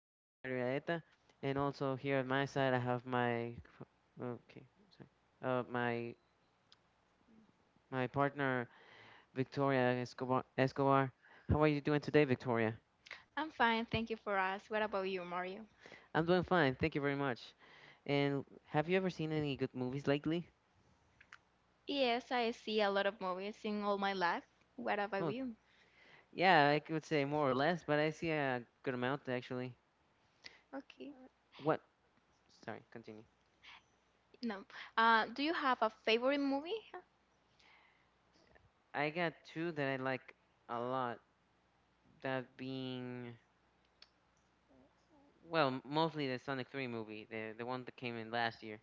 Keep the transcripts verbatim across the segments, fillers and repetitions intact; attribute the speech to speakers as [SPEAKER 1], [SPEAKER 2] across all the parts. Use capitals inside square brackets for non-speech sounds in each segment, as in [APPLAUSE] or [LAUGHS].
[SPEAKER 1] uh, Marietta, and also here on my side I have my co- okay, sorry. Uh, my my partner Victoria Escobar. Escobar. How are you doing today, Victoria?
[SPEAKER 2] I'm fine, thank you for us. What about you, Mario?
[SPEAKER 1] I'm doing fine. Thank you very much. And have you ever seen any good movies lately?
[SPEAKER 2] Yes, I see a lot of movies in all my life. What
[SPEAKER 1] Oh,
[SPEAKER 2] about you?
[SPEAKER 1] yeah, I could say more or less, but I see a good amount actually.
[SPEAKER 2] Okay.
[SPEAKER 1] What? Sorry, continue.
[SPEAKER 2] No. Uh, do you have a favorite movie?
[SPEAKER 1] I got two that I like a lot. That being, well, m- mostly the Sonic three movie, the the one that came in last year.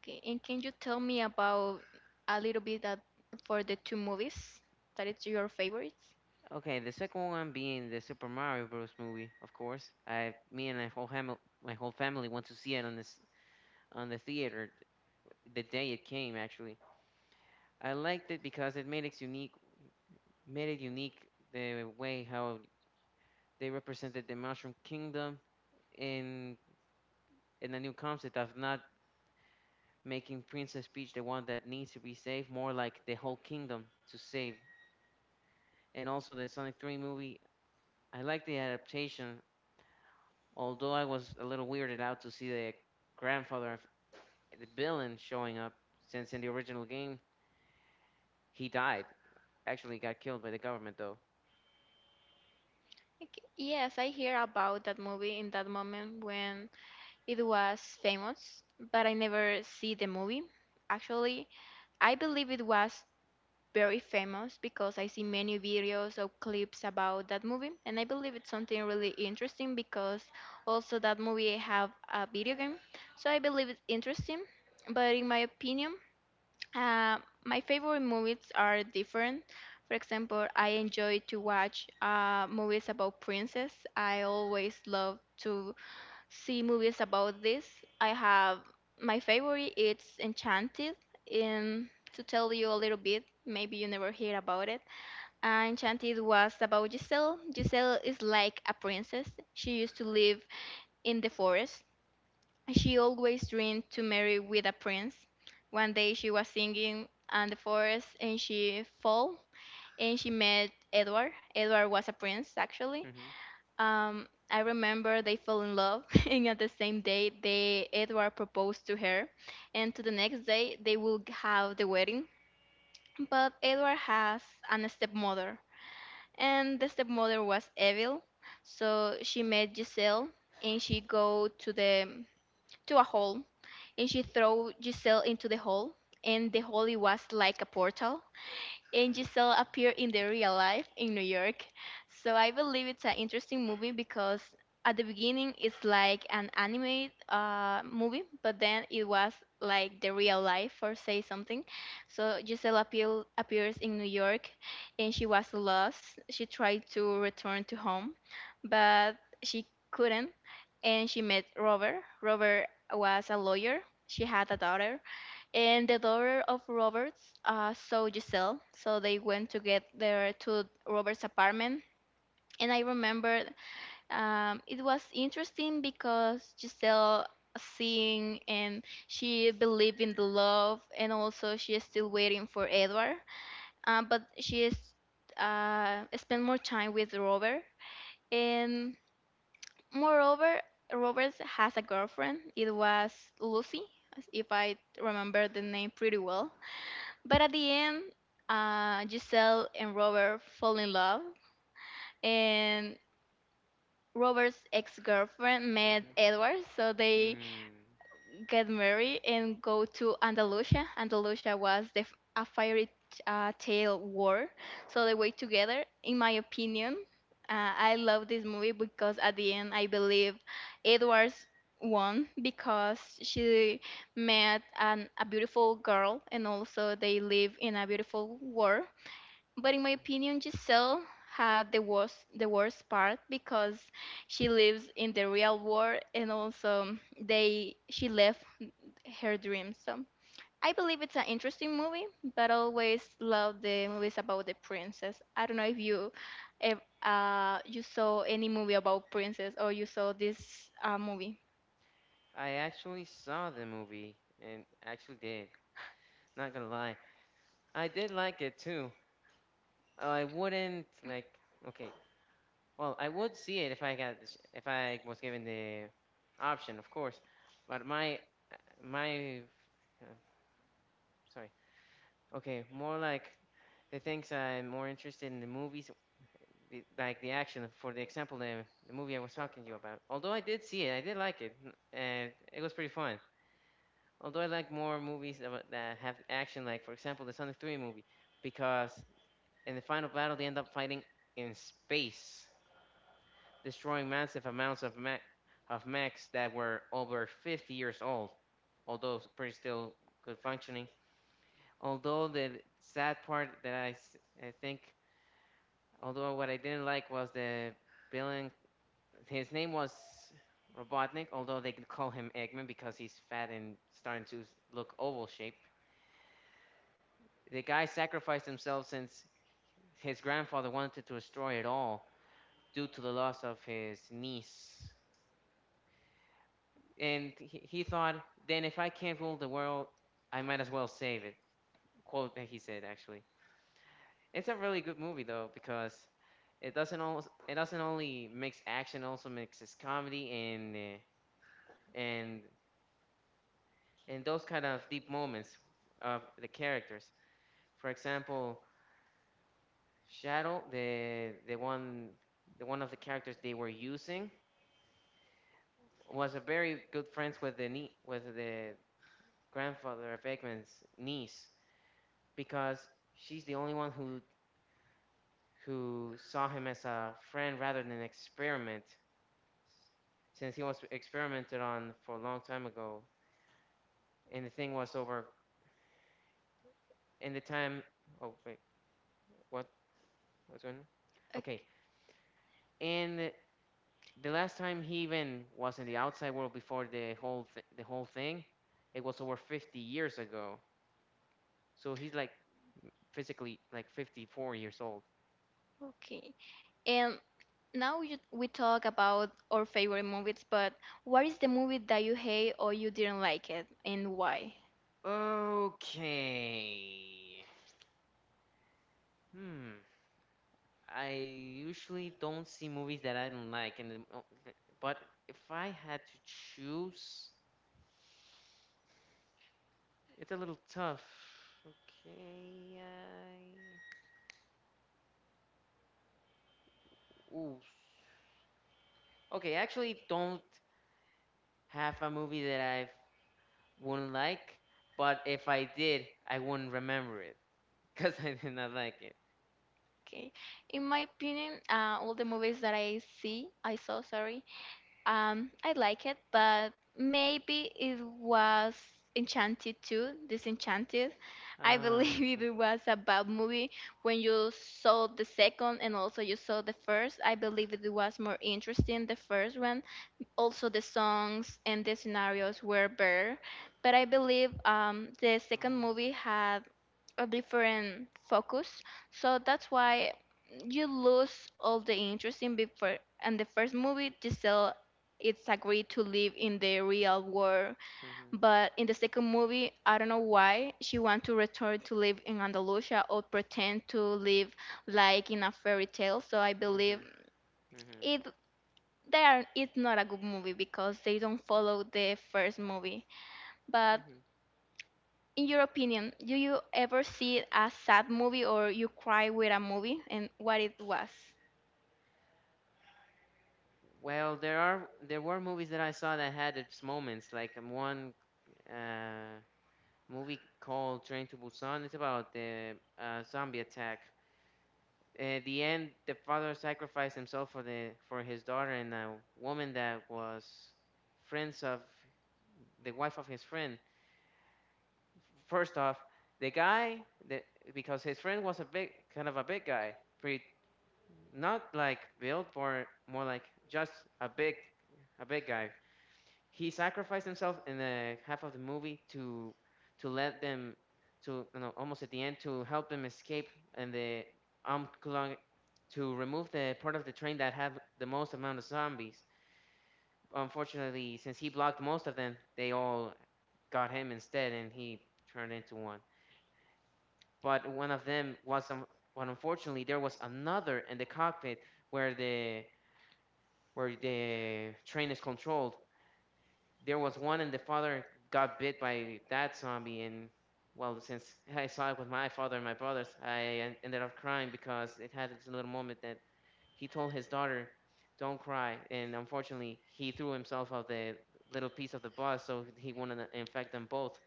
[SPEAKER 2] Okay, and can you tell me about a little bit that for the two movies that it's your favorites?
[SPEAKER 1] Okay, the second one being the Super Mario Bros. Movie, of course. I, me and my whole family, my whole family went to see it on this on the theater the day it came. Actually, I liked it because it made it unique, made it unique the way how they represented the Mushroom Kingdom in in a new concept of not making Princess Peach the one that needs to be saved, more like the whole kingdom to save. And also the Sonic three movie, I like the adaptation, although I was a little weirded out to see the grandfather of the villain showing up, since in the original game he died. Actually, got killed by the government though.
[SPEAKER 2] Okay. Yes, I hear about that movie in that moment when it was famous, but I never see the movie. Actually, I believe it was very famous because I see many videos or clips about that movie, and I believe it's something really interesting because also that movie have a video game, so I believe it's interesting. But in my opinion, uh, my favorite movies are different. For example, I enjoy to watch uh, movies about princess. I always love to see movies about this. I have my favorite, it's Enchanted. And to tell you a little bit, maybe you never hear about it. Uh, Enchanted was about Giselle. Giselle is like a princess. She used to live in the forest. She always dreamed to marry with a prince. One day she was singing in the forest and she fell and she met Edward. Edward was a prince, actually.
[SPEAKER 1] hmm
[SPEAKER 2] um, I remember they fell in love, [LAUGHS] and at the same day, they Edward proposed to her, and to the next day they will have the wedding. But Edward has an stepmother, and the stepmother was evil, so she met Giselle, and she go to the to a hole, and she throw Giselle into the hole, and the hole it was like a portal, and Giselle appeared in the real life in New York. So I believe it's an interesting movie because at the beginning it's like an animated uh, movie, but then it was like the real life or say something. So Giselle appeal, appears in New York and she was lost. She tried to return to home, but she couldn't. And she met Robert. Robert was a lawyer. She had a daughter, and the daughter of Roberts uh, saw Giselle, so they went to get there to Robert's apartment. And I remember, um, it was interesting because Giselle seeing and she believed in the love, and also she is still waiting for Edward, um, but she is uh, spend more time with Robert. And moreover, Robert has a girlfriend. It was Lucy, if I remember the name pretty well, but at the end, uh, Giselle and Robert fall in love, and Robert's ex-girlfriend met
[SPEAKER 1] hmm
[SPEAKER 2] Edward, so they
[SPEAKER 1] Mm.
[SPEAKER 2] get married and go to Andalusia. Andalusia was the, f- a fiery uh, tale war, so they wait together. In my opinion, uh, I love this movie because at the end, I believe Edward's won because she met an, a beautiful girl and also they live in a beautiful world, but in my opinion, Giselle had the worst the worst part because she lives in the real world and also they she left her dreams. So I believe it's an interesting movie, but I always love the movies about the princess. I don't know if you if uh you saw any movie about princess or you saw this uh, movie.
[SPEAKER 1] I actually saw the movie and actually did. Not gonna lie, I did like it too. I wouldn't like. Okay, well, I would see it if I got the ch- if I was given the option, of course. But my my uh, sorry. Okay, more like the things I'm more interested in the movies, the- like the action. For the example, the, the movie I was talking to you about. Although I did see it, I did like it, and it was pretty fun. Although I like more movies that, that have action, like for example the Sonic three movie, because in the final battle they end up fighting in space, destroying massive amounts of, ma- of mechs that were over fifty years old, although pretty still good functioning. Although the sad part that I, s- I think, although what I didn't like was the villain, his name was Robotnik, although they could call him Eggman because he's fat and starting to s- look oval shape. The guy sacrificed himself since his grandfather wanted to destroy it all due to the loss of his niece. And he, he thought, then if I can't rule the world, I might as well save it. Quote that he said, actually. It's a really good movie, though, because it doesn't, always, it doesn't only mix action, it also mixes comedy and, uh, and, and those kind of deep moments of the characters. For example, Shadow, the, the, one, the one of the characters they were using, was a very good friends with the nie- with the grandfather of Eggman's niece because she's the only one who who saw him as a friend rather than an experiment, since he was experimented on for a long time ago and the thing was over in the time. Oh wait what what's going on okay
[SPEAKER 2] Okay.
[SPEAKER 1] And the last time he even was in the outside world before the whole th- the whole thing, it was over fifty years ago, so he's like physically like fifty-four years old.
[SPEAKER 2] Okay. And now you, we talk about our favorite movies, but what is the movie that you hate or you didn't like it, and why?
[SPEAKER 1] Okay. hmm I usually don't see movies that I don't like, and the mo- but if I had to choose, it's a little tough. Okay, I... Ooh. Okay, I actually don't have a movie that I wouldn't like, but if I did, I wouldn't remember it because [LAUGHS] I did not like it.
[SPEAKER 2] Okay. In my opinion, uh, all the movies that I see, I saw, sorry, um, I like it, but maybe it was Enchanted too, Disenchanted. I
[SPEAKER 1] Oh,
[SPEAKER 2] believe [LAUGHS]
[SPEAKER 1] okay.
[SPEAKER 2] it was a bad movie. When you saw the second and also you saw the first, I believe it was more interesting the first one, also the songs and the scenarios were better, but I believe um, the second
[SPEAKER 1] Oh,
[SPEAKER 2] movie had a different focus, so that's why you lose all the interest in before, and the first movie, Giselle, it's agreed to live in the real world,
[SPEAKER 1] mhm,
[SPEAKER 2] but in the second movie, I don't know why she wants to return to live in Andalusia or pretend to live like in a fairy tale, so I believe
[SPEAKER 1] mhm, mhm,
[SPEAKER 2] it they are it's not a good movie because they don't follow the first movie. But
[SPEAKER 1] mhm.
[SPEAKER 2] in your opinion, do you ever see a sad movie or you cry with a movie, and what it was?
[SPEAKER 1] Well, there are there were movies that I saw that had its moments, like um, one uh, movie called Train to Busan. It's about the uh, zombie attack. At the end, the father sacrificed himself for the for his daughter and a woman that was friends of the wife of his friend. First off, the guy the, because his friend was a big kind of a big guy, pretty not like built, more more like just a big a big guy, he sacrificed himself in the half of the movie to to let them to, you know, almost at the end, to help them escape and the um Kulong- to remove the part of the train that had the most amount of zombies. Unfortunately, since he blocked most of them, they all got him instead, and he turned into one. But one of them was um, but unfortunately there was another in the cockpit where the where the train is controlled, there was one, and the father got bit by that zombie. And well, since I saw it with my father and my brothers, I en- ended up crying because it had this little moment that he told his daughter don't cry, and unfortunately he threw himself off the little piece of the bus so he wanted to infect them both.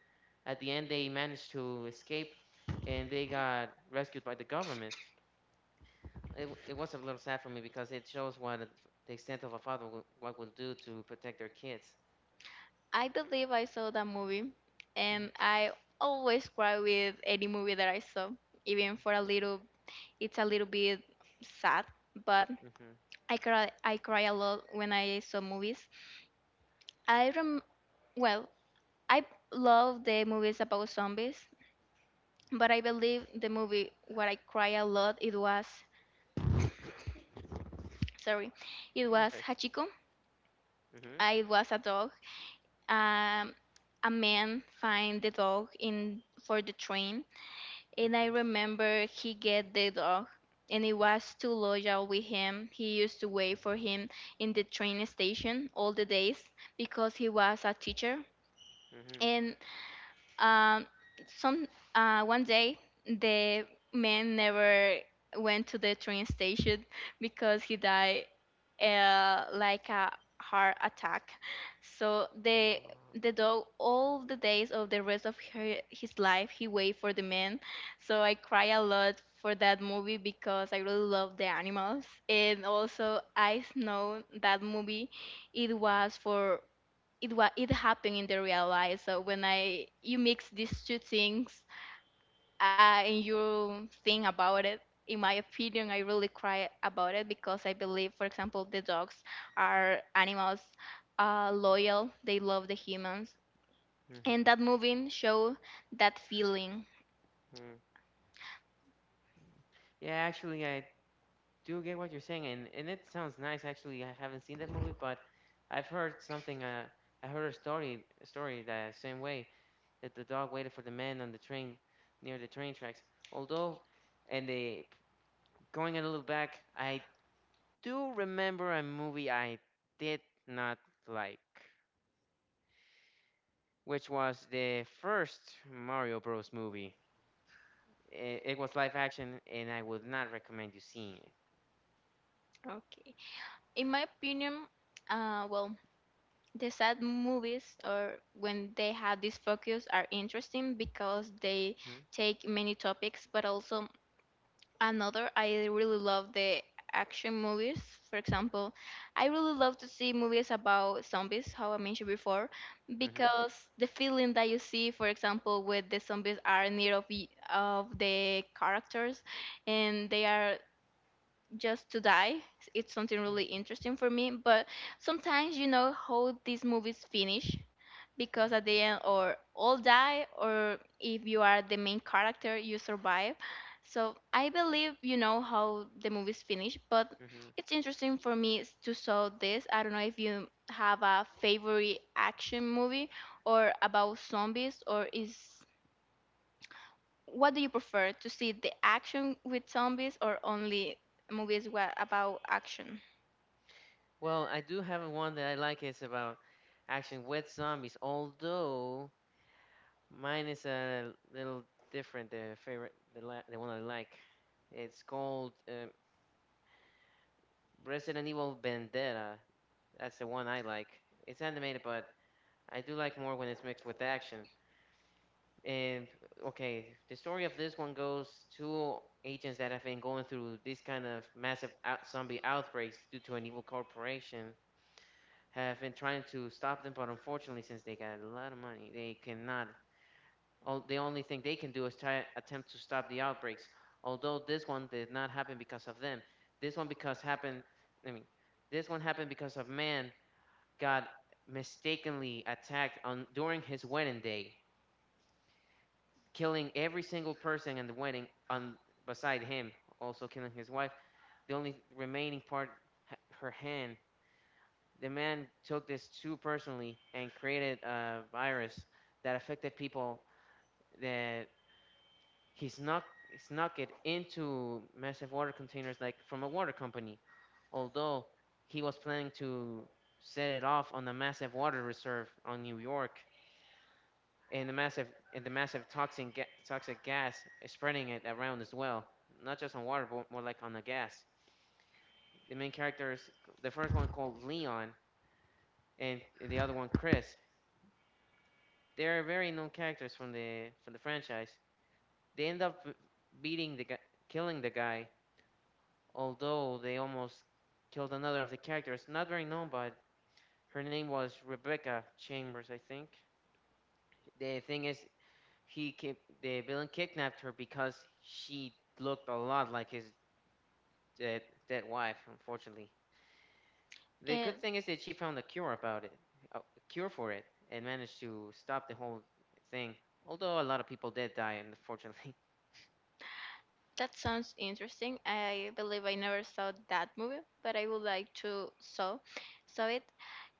[SPEAKER 1] At the end, they managed to escape and they got rescued by the government. It, w- it was a little sad for me because it shows what a- the extent of a father will, what will do to protect their kids.
[SPEAKER 2] I believe I saw that movie
[SPEAKER 1] hmm
[SPEAKER 2] and I always cry with any movie that I saw, even for a little it's a little bit sad, but
[SPEAKER 1] hmm
[SPEAKER 2] I cry I cry a lot when I saw movies. I rem well, I love the movies about zombies, but I believe the movie where I cry a lot, it was, sorry, it was
[SPEAKER 1] Okay.
[SPEAKER 2] Hachiko.
[SPEAKER 1] Mhm.
[SPEAKER 2] Uh, It was a dog. Um, a man find the dog in for the train, and I
[SPEAKER 1] Mhm.
[SPEAKER 2] remember he get the dog, and he was too loyal with him. He used to wait for him in the train station all the days because he was a teacher.
[SPEAKER 1] Mhm.
[SPEAKER 2] And. Um, some uh, One day the man never went to the train station because he died uh, like a heart attack. So the
[SPEAKER 1] Oh.
[SPEAKER 2] the dog all the days of the rest of her, his life he wait for the man. So I cry a lot for that movie because I really love the animals, and also I know that movie it was for it wa it happened in the real life. So when I you mix these two things, uh, and you think about it, in my opinion, I really cry about it because I believe, for example, the dogs are animals, uh, loyal. They love the humans, and
[SPEAKER 1] Mhm.
[SPEAKER 2] that movie show that feeling.
[SPEAKER 1] Mm. Yeah, actually, I do get what you're saying, and and it sounds nice. Actually, I haven't seen that movie, but I've heard something. Uh, I heard a story, a story the same way that the dog waited for the man on the train near the train tracks. Although, and they going a little back, I do remember a movie I did not like, which was the first Mario Bros. Movie. It, it was live action, and I would not recommend you seeing it.
[SPEAKER 2] Okay, in my opinion, uh, well. The sad movies, or when they have this focus, are interesting because they
[SPEAKER 1] hmm
[SPEAKER 2] take many topics, but also another, I really love the action movies. For example, I really love to see movies about zombies, how I mentioned before,
[SPEAKER 1] hmm
[SPEAKER 2] because the feeling that you see, for example, when the zombies are near of, y- of the characters and they are just to die, it's something really interesting for me. But sometimes you know how these movies finish, because at the end, or all die, or if you are the main character you survive, so I believe you know how the movie's finished, but
[SPEAKER 1] hmm
[SPEAKER 2] it's interesting for me s- to saw this. I don't know if you have a favorite action movie or about zombies, or is what do you prefer to see, the action with zombies or only movies wha- about action?
[SPEAKER 1] Well, I do have one that I like. It's about action with zombies, although mine is a little different. The favorite, the, la- the one I like. It's called um, Resident Evil Vendetta. That's the one I like. It's animated, but I do like more when it's mixed with action. And okay, the story of this one goes two agents that have been going through these kind of massive out- zombie outbreaks due to an evil corporation have been trying to stop them, but unfortunately, since they got a lot of money, they cannot. All, the only thing they can do is try attempt to stop the outbreaks. Although this one did not happen because of them, this one because happened. I mean, this one happened because of man got mistakenly attacked on during his wedding day, killing every single person in the wedding on beside him, also killing his wife. The only remaining part, h- her hand. The man took this too personally and created a virus that affected people. That he snuck snuck it into massive water containers like from a water company, although he was planning to set it off on the massive water reserve on New York and the massive and the massive toxin ga- toxic gas is spreading it around as well. Not just on water, but more like on the gas. The main characters, the first one called Leon and the other one Chris, they're very known characters from the from the franchise. They end up beating the guy, killing the guy, although they almost killed another of the characters. Not very known, but her name was Rebecca Chambers, I think. The thing is, he ki- the villain kidnapped her because she looked a lot like his dead, dead wife. Unfortunately, the good thing is that she found a cure about it, a cure for it, and managed to stop the whole thing. Although a lot of people did die, unfortunately.
[SPEAKER 2] That sounds interesting. I believe I never saw that movie, but I would like to saw saw it.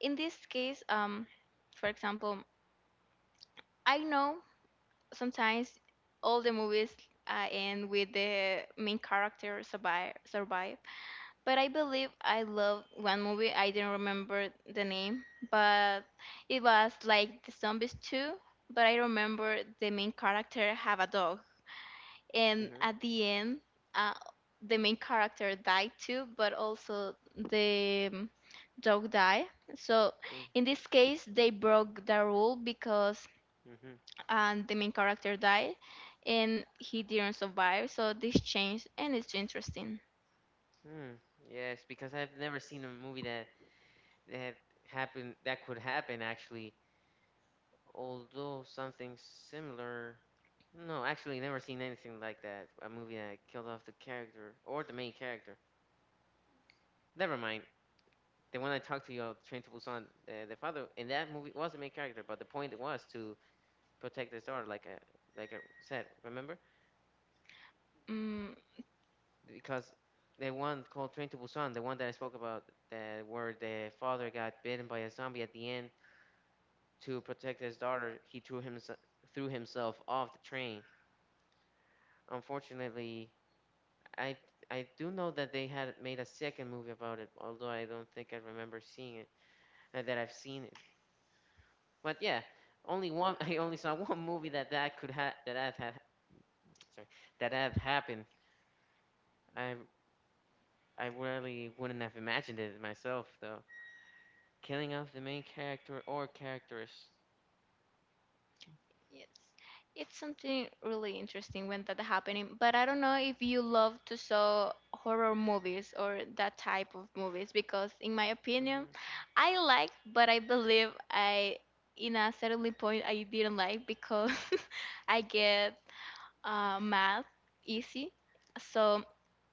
[SPEAKER 2] In this case, um, for example, I know sometimes all the movies uh, end with the main character survive survive, but I believe I love one movie. I didn't remember the name, but it was like the zombies too. But I remember the main character have a dog,
[SPEAKER 1] [LAUGHS]
[SPEAKER 2] and
[SPEAKER 1] hmm
[SPEAKER 2] at the end uh, the main character died too, but also the um, dog died, so in this case they broke the rule because
[SPEAKER 1] Mm-hmm.
[SPEAKER 2] um, the main character died and he didn't survive, so this changed, and it's interesting.
[SPEAKER 1] Mm, yes, because I've never seen a movie that that happen that could happen actually. Although something similar, no, actually never seen anything like that. A movie that killed off the character or the main character. Never mind. The one I talked to you about, Train to Busan, uh, the father in that movie was the main character, but the point was to protect his daughter, like I like I said, remember?
[SPEAKER 2] mm,
[SPEAKER 1] Because the one called Train to Busan, the one that I spoke about, that where the father got bitten by a zombie at the end to protect his daughter, he threw himself threw himself off the train. Unfortunately, I I do know that they had made a second movie about it, although I don't think I remember seeing it, uh, that I've seen it. But yeah, only one. [LAUGHS] I only saw one movie that that could have that I have had sorry that have happened. I I really wouldn't have imagined it myself though. Killing off the main character or characters.
[SPEAKER 2] Yes. It's something really interesting when that happening, but I don't know if you love to saw horror movies or that type of movies because in my opinion,
[SPEAKER 1] hmm
[SPEAKER 2] I like, but I believe I in a certain point I didn't like because [LAUGHS] I get uh, math easy. So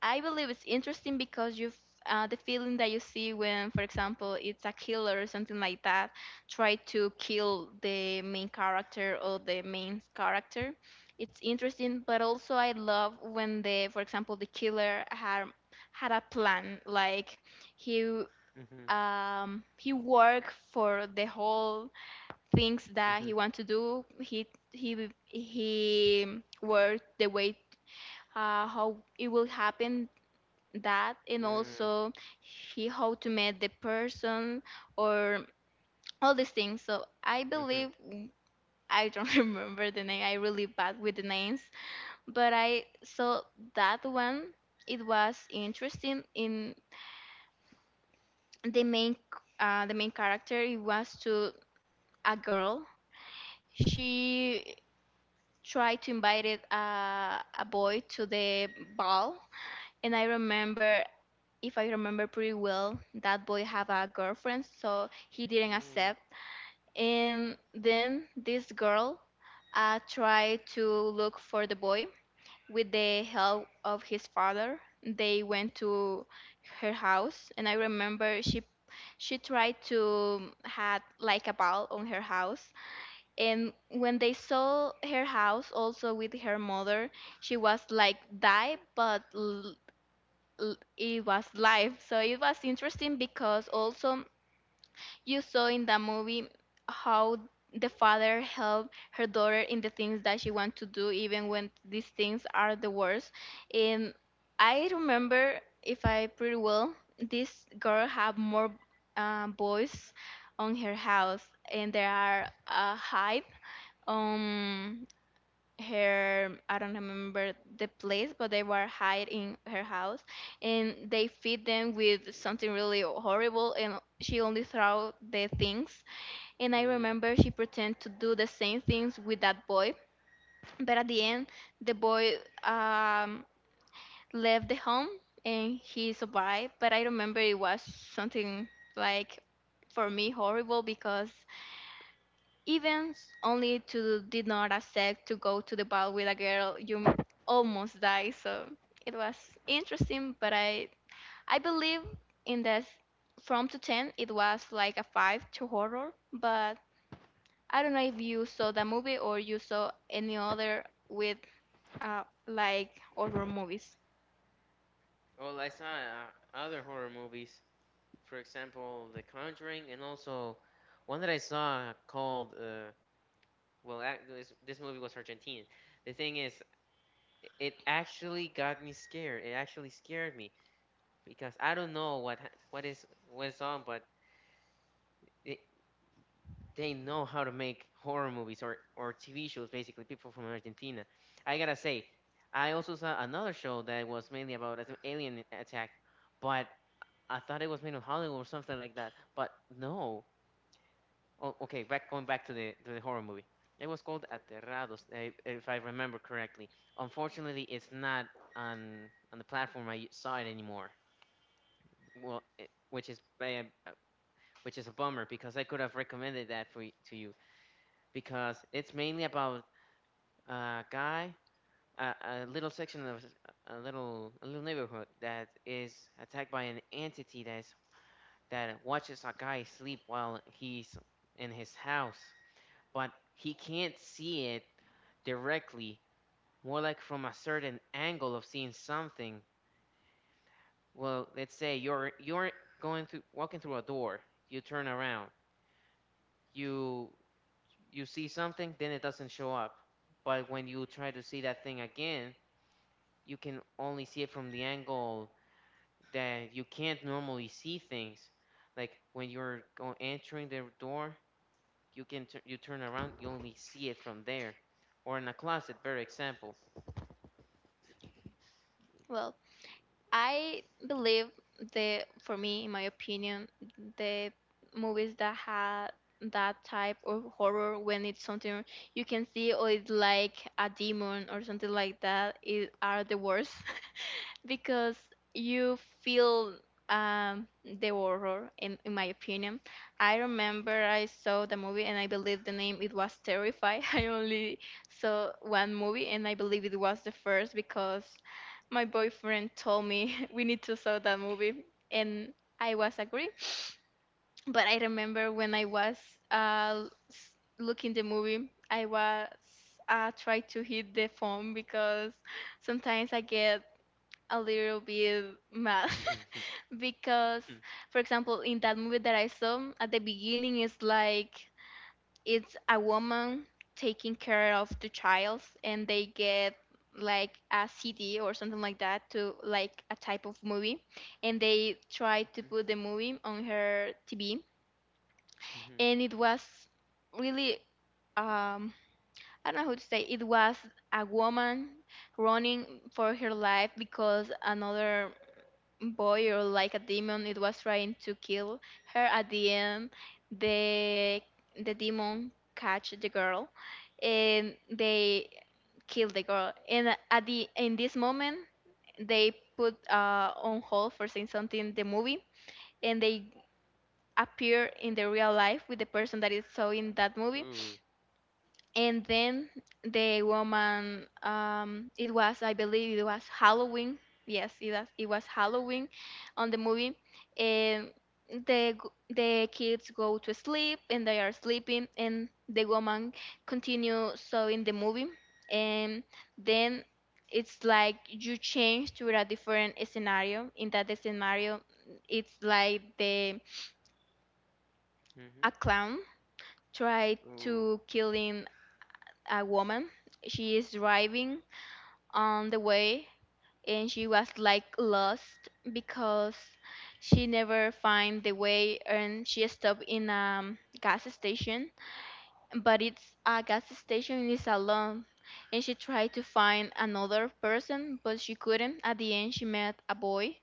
[SPEAKER 2] I believe it's interesting because you f- uh, the feeling that you see when, for example, it's a killer or something like that, try to kill the main character or the main character. It's interesting, but also I love when the, for example, the killer had had a plan. Like he
[SPEAKER 1] hmm
[SPEAKER 2] um he worked for the whole things that
[SPEAKER 1] hmm
[SPEAKER 2] he want to do, he he he worked the way, uh, how it will happen that, and
[SPEAKER 1] Mm,
[SPEAKER 2] also he how to meet the person or all these things. So I
[SPEAKER 1] mhm,
[SPEAKER 2] believe I don't [LAUGHS] remember the name, I really bad with the names, but I saw that one, it was interesting. In the main uh, the main character, it was to a girl. She tried to invite it, uh, a boy to the ball, and I remember, if I remember pretty well, that boy have a girlfriend, so he
[SPEAKER 1] mm,
[SPEAKER 2] didn't
[SPEAKER 1] mm,
[SPEAKER 2] accept. And then this girl uh, tried to look for the boy with the help of his father. They went to her house, and I remember she she tried to, um, had like a ball on her house, and when they saw her house also with her mother, she was like die, but l- l- it was live. So it was interesting because also you saw in the movie how the father helped her daughter in the things that she wants to do, even when these things are the worst. And I remember, if I pretty well, this girl have more uh, boys on her house, and there are uh, high um her I don't remember the place, but they were hid in her house and they feed them with something really horrible and she only throw the things and I
[SPEAKER 1] mm.
[SPEAKER 2] remember she pretend to do the same things with that boy, but at the end the boy um left the home and he survived, but I remember it was something like for me horrible because even only to did not accept to go to the ball with a girl you almost die. So it was interesting, but I I believe in this from to ten it was like a five to horror. But I don't know if you saw the movie or you saw any other with uh like horror movies.
[SPEAKER 1] Well, I saw uh, other horror movies, for example, The Conjuring, and also one that I saw called, uh, well, ac- this, this movie was Argentine. The thing is, it actually got me scared. It actually scared me because I don't know what ha- what is what is on, but it, they know how to make horror movies or, or T V shows, basically, people from Argentina. I gotta say, I also saw another show that was mainly about an alien attack, but I thought it was made in Hollywood or something like that. But no. Oh, okay, back going back to the to the horror movie. It was called Aterrados, eh, if I remember correctly. Unfortunately, it's not on on the platform I saw it anymore. Well, it, which is eh, which is a bummer because I could have recommended that for y- to you because it's mainly about a guy, a, a little section of a little a little neighborhood that is attacked by an entity that's that watches a guy sleep while he's in his house, but he can't see it directly, more like from a certain angle of seeing something. Well, let's say you're you're going through walking through a door, you turn around, you you see something, then it doesn't show up. But when you try to see that thing again, you can only see it from the angle that you can't normally see things. Like when you're go- entering the door, you can tu- you turn around, you only see it from there, or in a closet, better example.
[SPEAKER 2] Well. I believe the, for me, in my opinion, the movies that had that type of horror when it's something you can see or it's like a demon or something like that is are the worst [LAUGHS] because you feel um the horror in, in my opinion I remember I saw the movie and I believe the name it was terrify. [LAUGHS] I only saw one movie and I believe it was the first because my boyfriend told me, [LAUGHS] we need to saw that movie and I was agree. [SNIFFS] But I remember when I was uh, s- looking the movie I was uh, try to hit the phone because sometimes I get a little bit mad
[SPEAKER 1] [LAUGHS] Mhm,
[SPEAKER 2] [LAUGHS] because for example in that movie that I saw at the beginning it's like it's a woman taking care of the child and they get like a C D or something like that to like a type of movie and they try to put the movie on her T V
[SPEAKER 1] mhm,
[SPEAKER 2] and it was really um I don't know how to say it was a woman running for her life because another boy or like a demon it was trying to kill her at the end the the demon catch the girl and they kill the girl and at the in this moment they put uh, on hold for saying something the movie and they appear in the real life with the person that is saw in that
[SPEAKER 1] mhm.
[SPEAKER 2] movie
[SPEAKER 1] Ooh,
[SPEAKER 2] and then the woman um it was I believe it was Halloween. Yes, it was, it was Halloween on the movie and the g- the kids go to sleep and they are sleeping and the woman continue sewing the movie and then it's like you change to a different scenario in that scenario it's like the
[SPEAKER 1] mhm,
[SPEAKER 2] a clown try
[SPEAKER 1] ooh,
[SPEAKER 2] to killing a woman. She is driving on the way and she was like lost because she never find the way and she stopped in a gas station but it's a gas station is alone and she tried to find another person but she couldn't at the end she met a boy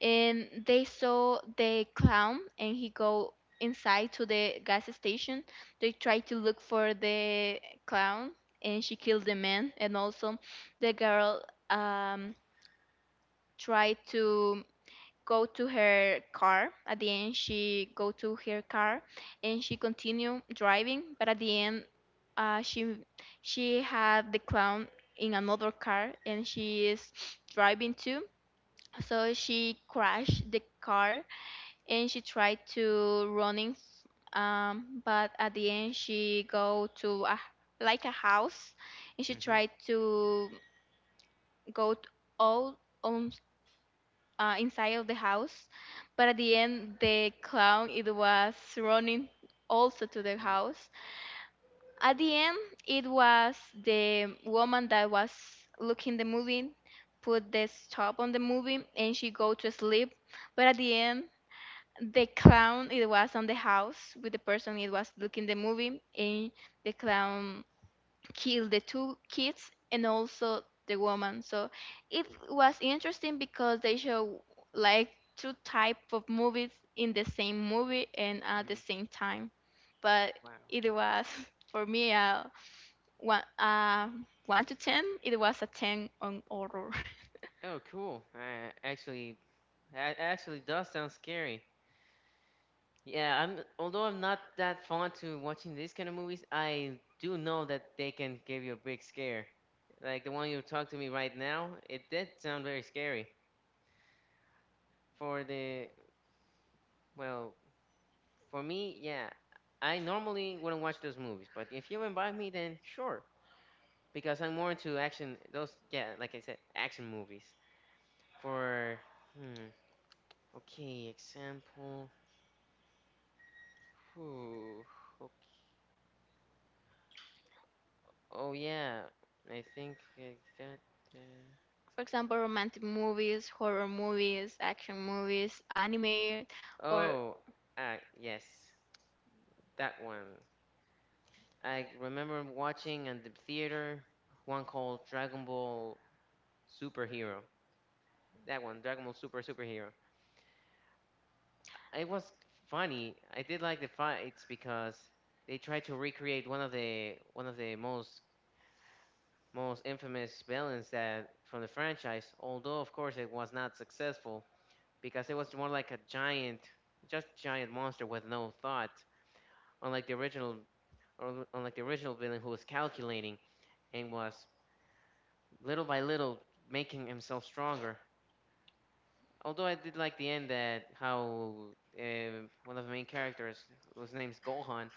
[SPEAKER 2] and they saw the clown and he go inside to the gas station they try to look for the clown and she killed the man and also the girl um tried to go to her car at the end she go to her car and she continue driving but at the end uh, she she had the clown in another car and she is driving too so she crashed the car and she tried to running f- um, but at the end she go to a, like a house and she
[SPEAKER 1] mhm,
[SPEAKER 2] tried to go t- all on uh, inside of the house but at the end the clown it was running also to the
[SPEAKER 1] mm,
[SPEAKER 2] house at the end it was the woman that was looking the movie put the stop on the movie and she go to sleep but at the end the clown it was on the house with the person it was looking the movie and the clown killed the two kids and also the woman so it was interesting because they show like two type of movies in the same movie and at the
[SPEAKER 1] mm.
[SPEAKER 2] same time but
[SPEAKER 1] Wow.
[SPEAKER 2] it was [LAUGHS] for me a one uh, one to ten it was a ten on horror.
[SPEAKER 1] Oh, cool. Uh, actually, that actually does sound scary. Yeah, I'm although I'm not that fond to watching these kind of movies, I do know that they can give you a big scare. Like the one you talked to me right now, it did sound very scary. For the well, for me, yeah, I normally wouldn't watch those movies, but if you invite me, then sure, because I'm more into action. Those, yeah, like I said, action movies. For hmm, okay, example. Whew, okay. Oh yeah, I think I got that.
[SPEAKER 2] [LAUGHS] For example, romantic movies, horror movies, action movies, anime or
[SPEAKER 1] Oh, ah yes, that one. I remember watching in the theater one called Dragon Ball Superhero. That one, Dragon Ball Super Superhero. It was funny. I did like the fights because they tried to recreate one of the one of the most most infamous villains that from the franchise. Although of course it was not successful because it was more like a giant, just giant monster with no thought, unlike the original or unlike the original villain who was calculating and was little by little making himself stronger. Although I did like the end, that how uh, one of the main characters, whose name's Gohan,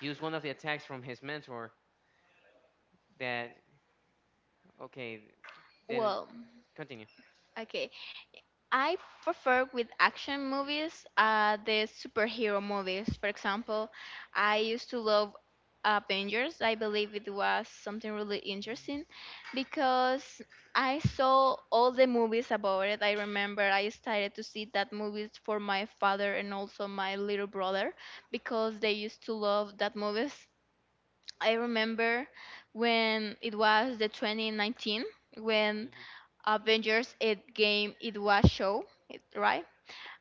[SPEAKER 1] used one of the attacks from his mentor. That Okay, then
[SPEAKER 2] well,
[SPEAKER 1] continue.
[SPEAKER 2] okay. I prefer with action movies, uh, the superhero movies. For example, I used to love Avengers. I believe it was something really
[SPEAKER 1] Mhm.
[SPEAKER 2] interesting because I saw all the movies about it. I remember I started to see that movies for my father and also my little brother because they used to love that movies. I remember when it was the twenty nineteen when Avengers It Game it was show, it- right?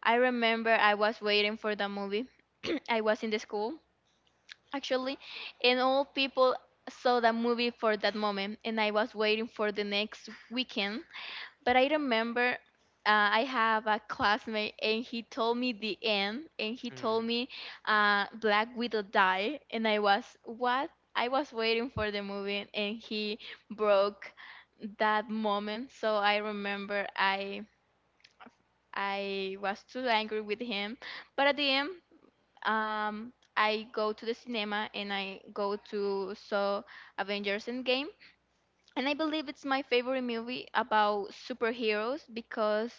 [SPEAKER 2] I remember I was waiting for the movie. [CLEARS THROAT] I was in the school actually, and all people saw the movie for that moment, and I was waiting for the next weekend but I remember uh, I have a classmate and he told me the end and he told
[SPEAKER 1] Mhm.
[SPEAKER 2] me uh, Black Widow die and I was what? I was waiting for the movie and he broke that moment. So I remember I I was too angry with him. But at the end, um, I go to the cinema and I go to saw Avengers Endgame and I believe it's my favorite movie about superheroes because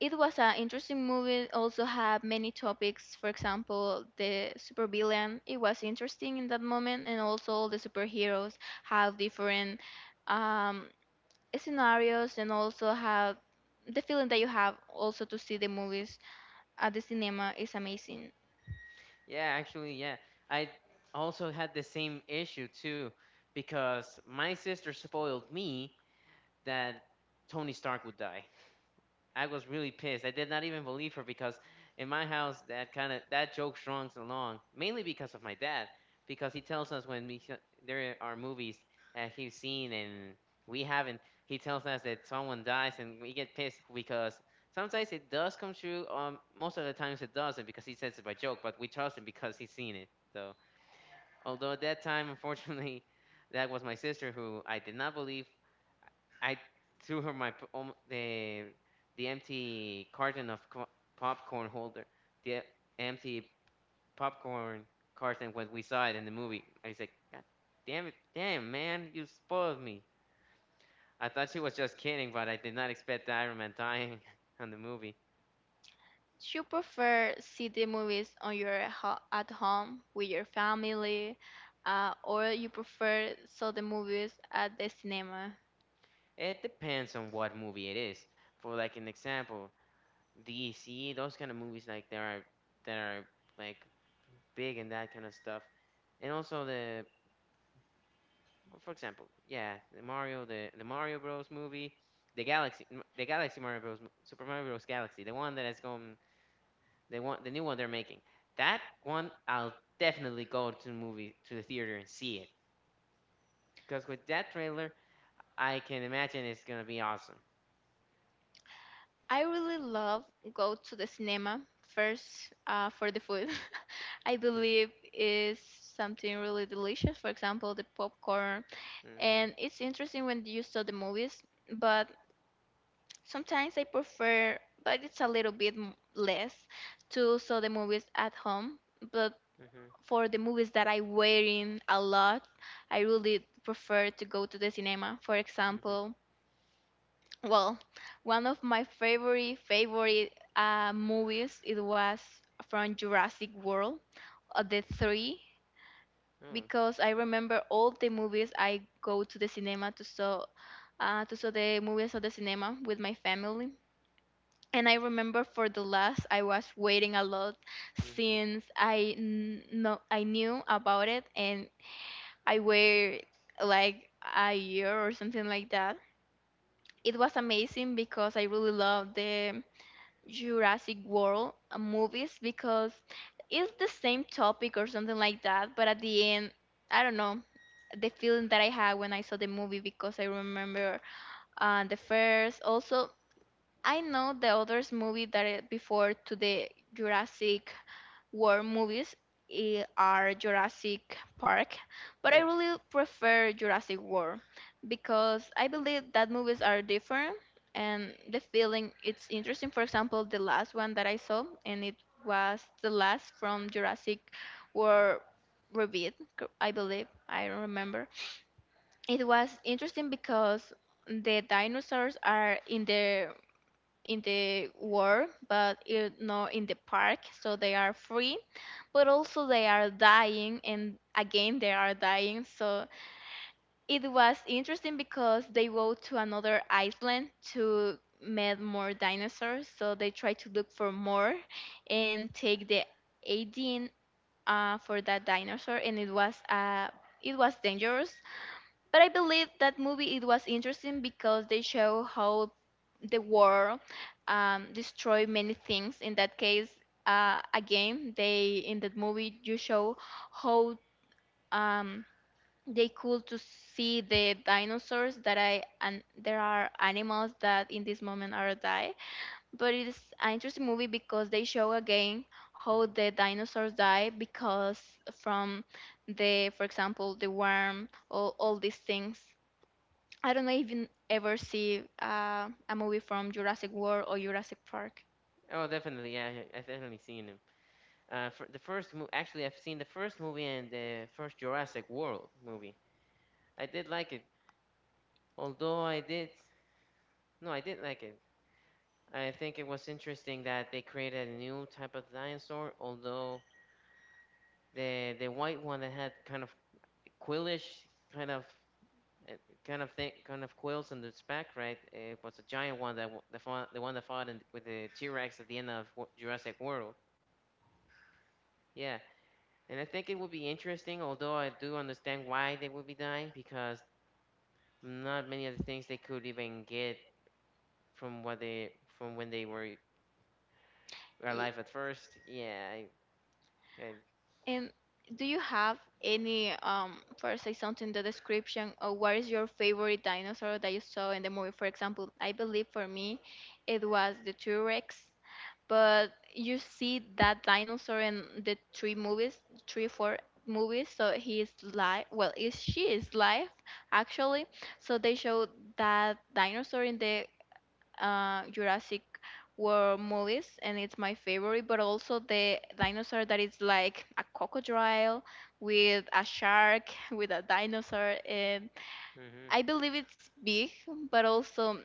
[SPEAKER 2] it was an interesting movie. Also had many topics. For example, the supervillain. It was interesting in that moment, and also the superheroes have different um, scenarios, and also have the feeling that you have also to see the movies at the cinema is amazing.
[SPEAKER 1] Yeah, actually, yeah. I also had the same issue too because my sister spoiled me that Tony Stark would die. I was really pissed. I did not even believe her because in my house that kind of that joke strung along mainly because of my dad because he tells us when we, there are movies that he's seen and we haven't. He tells us that someone dies and we get pissed because sometimes it does come true. Um most of the times it doesn't because he says it by joke, but we trust him because he's seen it. So although at that time unfortunately, [LAUGHS] that was my sister who I did not believe. I threw her my p- om- the the empty carton of co- popcorn holder, the empty popcorn carton when we saw it in the movie. I said, "God damn it, damn man, you spoiled me." I thought she was just kidding, but I did not expect Iron Man dying [LAUGHS] on the movie.
[SPEAKER 2] Do you prefer see the movies on your ho- at home with your family, uh, or you prefer saw the movies at the cinema?
[SPEAKER 1] It depends on what movie it is. For like an example, D C, those kind of movies like there are that are like big and that kind of stuff, and also the for example, yeah, the Mario, the the Mario Bros movie, the Galaxy, the Galaxy Mario Bros, mo- Super Mario Bros Galaxy, the one that is going, the one, the new one they're making. That one, I'll definitely go to the movie, to the theater and see it. Because with that trailer, I can imagine it's gonna be awesome.
[SPEAKER 2] I really love go to the cinema first uh, for the food. [LAUGHS] I
[SPEAKER 1] Mm,
[SPEAKER 2] believe is something really delicious. For example, the popcorn,
[SPEAKER 1] mhm.
[SPEAKER 2] and it's interesting when you saw the movies. But sometimes I prefer, but it's a little bit m- less to saw the movies at home. But
[SPEAKER 1] Mhm.
[SPEAKER 2] for the movies that I wear in a lot, I really prefer to go to the cinema. For
[SPEAKER 1] Mhm.
[SPEAKER 2] example, well, one of my favorite favorite uh, movies it was from Jurassic World, uh, the three,
[SPEAKER 1] Oh.
[SPEAKER 2] because I remember all the movies I go to the cinema to saw, uh, to saw the movies of the cinema with my family. And I remember for the last, I was waiting a lot
[SPEAKER 1] Mhm.
[SPEAKER 2] since I kn- know I knew about it, and I waited like a year or something like that. It was amazing because I really loved the Jurassic World uh, movies because it's the same topic or something like that. But at the end, I don't know the feeling that I had when I saw the movie because I remember uh, the first. Also, I know the others movie that it- before to the Jurassic war movies I- are Jurassic Park, but I
[SPEAKER 1] Yeah.
[SPEAKER 2] really prefer Jurassic World because I believe that movies are different and the feeling it's interesting. For example, the last one that I saw and it was the last from Jurassic World Rebirth, c- I believe. I don't remember. It was interesting because the dinosaurs are in the in the world, but it, not in the park. So they are free, but also they are dying, and again they are dying. So it was interesting because they go to another island to meet more dinosaurs. So they try to look for more and take the eighteen uh, for that dinosaur, and it was uh, it was dangerous but I believe that movie it was interesting because they show how the war um, destroy many things. In that case, uh, again, they in that movie you show how um, they could to see the dinosaurs that I and there are animals that in this moment are die. But it is an interesting movie because they show again how
[SPEAKER 1] Mhm.
[SPEAKER 2] the dinosaurs die because from the, for example, the worm, all, all these things. I don't know if you ever see uh, a movie from Jurassic World or Jurassic Park.
[SPEAKER 1] Oh, definitely. Yeah, yeah, I've definitely seen Uh, for the first movie, actually, I've seen the first movie and the first Jurassic World movie. I did like it, although I did, no, I did like it. I think it was interesting that they created a new type of dinosaur, although the the white one that had kind of quillish kind of uh, kind of thing, kind of quills on its back, right? It was a giant one that w- the fought, the one that fought in, with the T-Rex at the end of Wo- Jurassic World. Yeah, and I think it would be interesting, although I do understand why they would be dying because not many of the things they could even get from what they from when they were
[SPEAKER 2] Y-
[SPEAKER 1] alive at first. Yeah, I, I
[SPEAKER 2] And do you have any, um, first say something, the description of what is your favorite dinosaur that you saw in the movie? For example, I believe for me it was the T-Rex, but you see that dinosaur in the three movies, three, four movies, so he is live, well, is she is live actually. So they show that dinosaur in the uh, Jurassic World movies, and it's my favorite. But also the dinosaur that is like a crocodile with a shark [LAUGHS] with a dinosaur, and
[SPEAKER 1] mhm,
[SPEAKER 2] I believe it's big, but also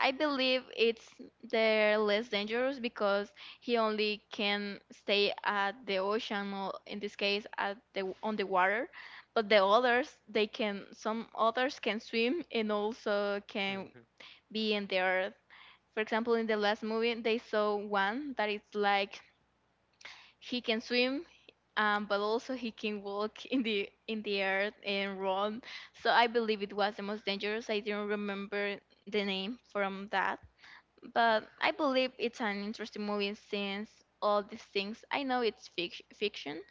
[SPEAKER 2] I believe it's they're less dangerous because he only can stay at the ocean or in this case at the on the water but the others they can some others can swim and also can
[SPEAKER 1] mhm.
[SPEAKER 2] be in the earth. For example, in the last movie, they saw one that it's like he can swim, um, but also he can walk in the in the earth and run. So I believe it was the most dangerous. I didn't remember the name from that, but I believe it's an interesting movie since all these things. I know it's fic- fiction,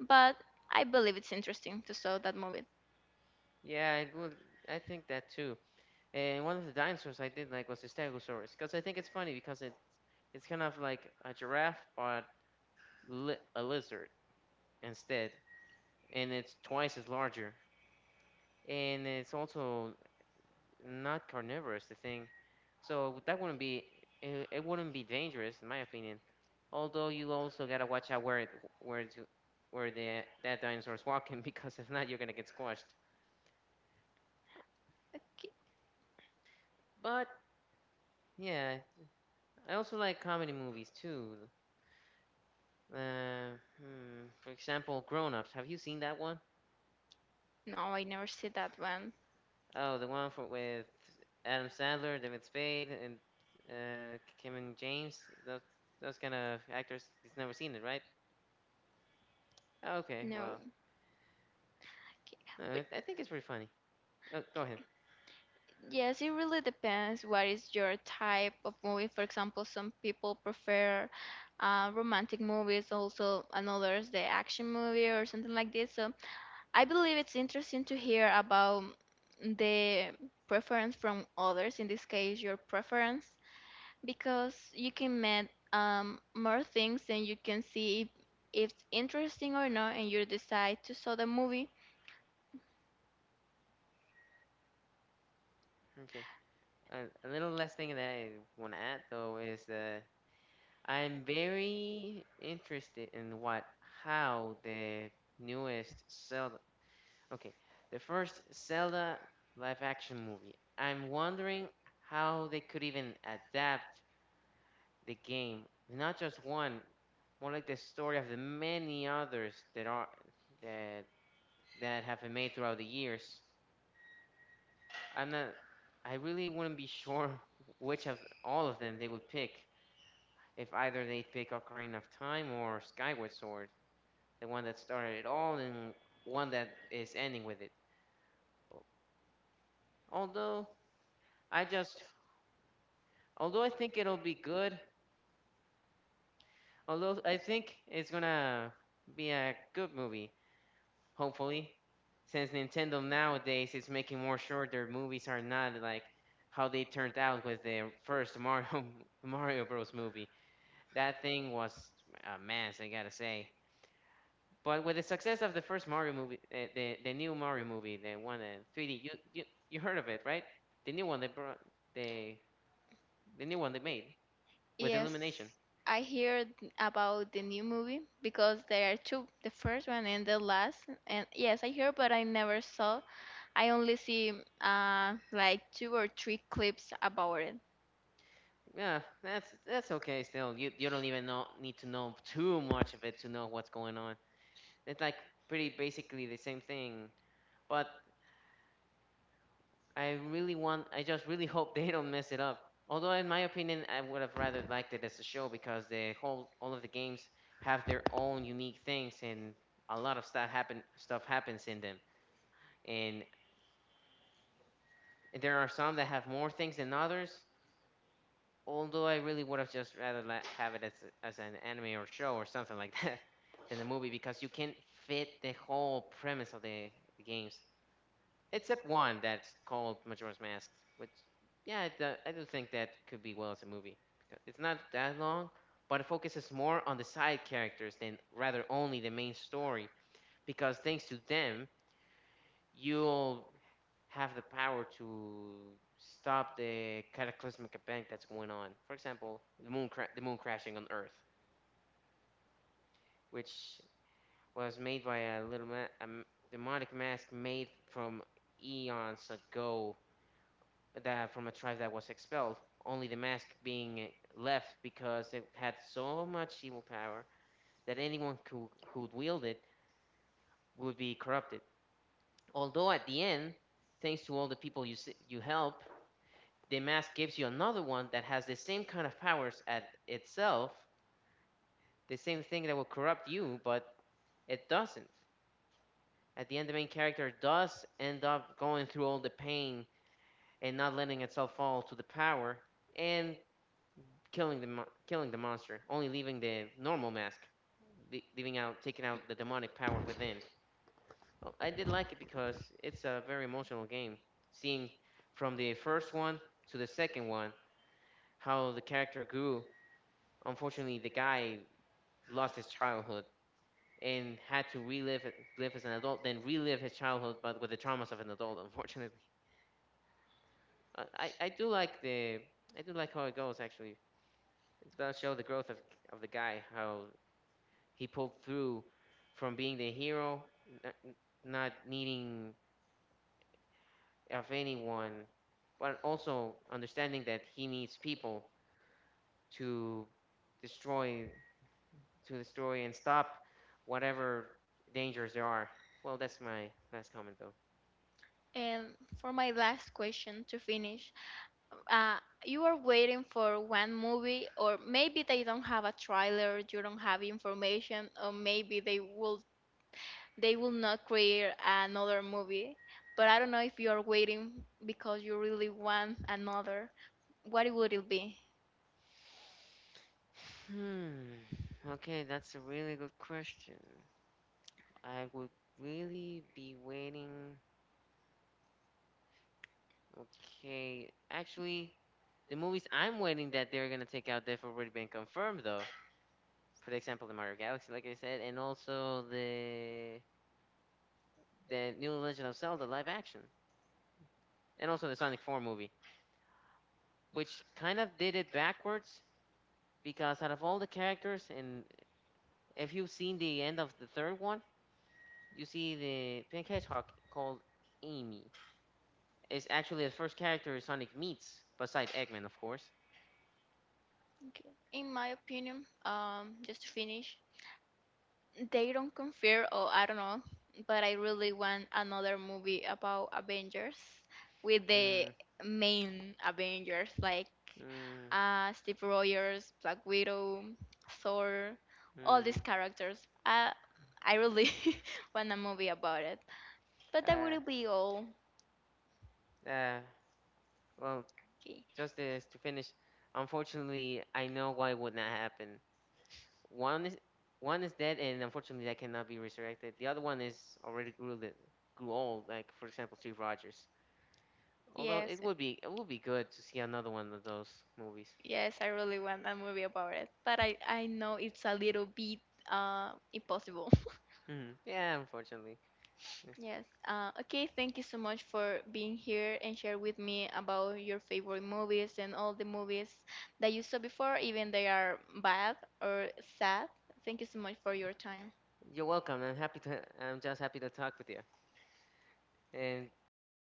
[SPEAKER 2] but I believe it's interesting to saw that movie.
[SPEAKER 1] yeah, I would. I think that too. And one of the dinosaurs I did like was the Stegosaurus because I think it's funny because it's it's kind of like a giraffe but li- a lizard instead, and it's twice as larger, and it's also not carnivorous, the thing, so that wouldn't be it, it wouldn't be dangerous in my opinion. Although you also gotta watch out where it, where it's, where the that dinosaur's walking [LAUGHS] because if not you're gonna get squashed.
[SPEAKER 2] Okay.
[SPEAKER 1] But yeah, I also like comedy movies too. Uh, hmm, for example, Grown Ups. Have you seen that one?
[SPEAKER 2] No, I never see that one.
[SPEAKER 1] Oh, the one for, with Adam Sandler, David Spade, and uh, Kevin James. Those those kind of actors. You've never seen it, right? Okay,
[SPEAKER 2] No.
[SPEAKER 1] well.
[SPEAKER 2] Okay. But
[SPEAKER 1] Uh,
[SPEAKER 2] okay.
[SPEAKER 1] I think it's pretty funny. Oh, go ahead.
[SPEAKER 2] Yes, it really depends what is your type of movie. For example, some people prefer uh, romantic movies, also and others the action movie or something like this. So I believe it's interesting to hear about the preference from others, in this case, your preference, because you can met um, more things and you can see if it's interesting or not, and you decide to saw the movie.
[SPEAKER 1] Okay. Uh, a little last thing that I want to add though is that I'm very interested in what how the newest Zelda. Okay, the first Zelda live action movie. I'm wondering how they could even adapt the game, not just one, more like the story of the many others that are that that have been made throughout the years. I'm not. I really wouldn't be sure [LAUGHS] which of all of them they would pick. If either they pick Ocarina of Time or Skyward Sword, the one that started it all and one that is ending with it. Although I just, although I think it'll be good. Although I think it's gonna be a good movie, hopefully, since Nintendo nowadays is making more sure their movies are not like how they turned out with their first Mario [LAUGHS] Mario Bros movie. That thing was a mess, I gotta say. But with the success of the first Mario movie, uh, the the new Mario movie, the one in three D, you, you you heard of it, right? The new one they brought, they the new one they made with
[SPEAKER 2] Yes,
[SPEAKER 1] Illumination.
[SPEAKER 2] I heard about the new movie because there are two, the first one and the last. And yes, I heard, but I never saw. I only see uh, like two or three clips about it.
[SPEAKER 1] Yeah, that's that's okay still. You you don't even know need to know too much of it to know what's going on. It's like pretty basically the same thing, but I really want. I just really [LAUGHS] hope they don't mess it up. Although, in my opinion, I would have rather liked it as a show because the whole all of the games have their own unique things, and a lot of stuff happen stuff happens in them. And there are some that have more things than others. Although I really would have just rather la- have it as a- as an anime or show or something like [LAUGHS] that than a movie because you can't fit the whole premise of the, the games. Except one that's called Majora's Mask, which yeah, I do, I do think that could be well as a movie because it's not that long, but it focuses more on the side characters than rather only the main story because thanks to them you'll have the power to stop the cataclysmic event that's going on. For example, the moon cra- the moon crashing on Earth, which was made by a little ma- a m- demonic mask made from eons ago, that from a tribe that was expelled, only the mask being eh, left because it had so much evil power that anyone who who wield it would be corrupted. Although at the end, thanks to all the people you s- you help, the mask gives you another one that has the same kind of powers at itself, the same thing that will corrupt you, but it doesn't. At the end, the main character does end up going through all the pain and not letting itself fall to the power, and killing the mo- killing the monster, only leaving the normal mask, le- leaving out taking out the demonic power within. Well, I did like it because it's a very emotional game. Seeing from the first one to the second one how the character grew. Unfortunately, the guy lost his childhood and had to relive it- live as an adult, then relive his childhood, but with the traumas of an adult. Unfortunately, I, I I do like the I do like how it goes actually. It does show the growth of of the guy, how he pulled through from being the hero, n- n- not needing of anyone, but also understanding that he needs people to destroy to destroy and stop whatever dangers there are. Well, that's my last comment though.
[SPEAKER 2] And for my last question to finish, uh, you are waiting for one movie, or maybe they don't have a trailer, you don't have information, or maybe they will they will not create another movie. But I don't know if you're waiting because you really want another. What would it be?
[SPEAKER 1] Hmm. Okay, that's a really good question. I would really be waiting. Okay, actually, the movies I'm waiting that they're gonna take out, they've already been confirmed though. For example, the Mario Galaxy, like I said, and also the the New Legend of Zelda live action, and also the Sonic four movie, which kind of did it backwards because out of all the characters, and if you've seen the end of the third one, you see the pink hedgehog called Amy is actually the first character Sonic meets, beside Eggman, of course.
[SPEAKER 2] Okay. In my opinion, um, just to finish, they don't confirm or I don't know, but I really want another movie about Avengers with the
[SPEAKER 1] Mm,
[SPEAKER 2] main Avengers like
[SPEAKER 1] mm,
[SPEAKER 2] uh, Steve Rogers, Black Widow, Thor, all
[SPEAKER 1] mm.
[SPEAKER 2] these characters. Uh, I really [LAUGHS] want a movie about it. But that
[SPEAKER 1] Uh,
[SPEAKER 2] would be all.
[SPEAKER 1] uh, well,
[SPEAKER 2] Okay.
[SPEAKER 1] just this to finish, unfortunately, I know why it would not happen. One is one is dead, and unfortunately, that cannot be resurrected. The other one is already grew li- grew old, like for example, Steve Rogers. Although
[SPEAKER 2] Yes,
[SPEAKER 1] it would be it would be good to see another one of those movies.
[SPEAKER 2] yes, I really want a movie about it, but I I know it's a little bit uh impossible. [LAUGHS]
[SPEAKER 1] Hmm. Yeah, unfortunately. Yes.
[SPEAKER 2] Yes. Uh, okay, thank you so much for being here and share with me about your favorite movies and all the movies that you saw before, even they are bad or sad. Thank you so much for your time.
[SPEAKER 1] You're welcome. I'm happy to. I'm just happy to talk with you. And that's all.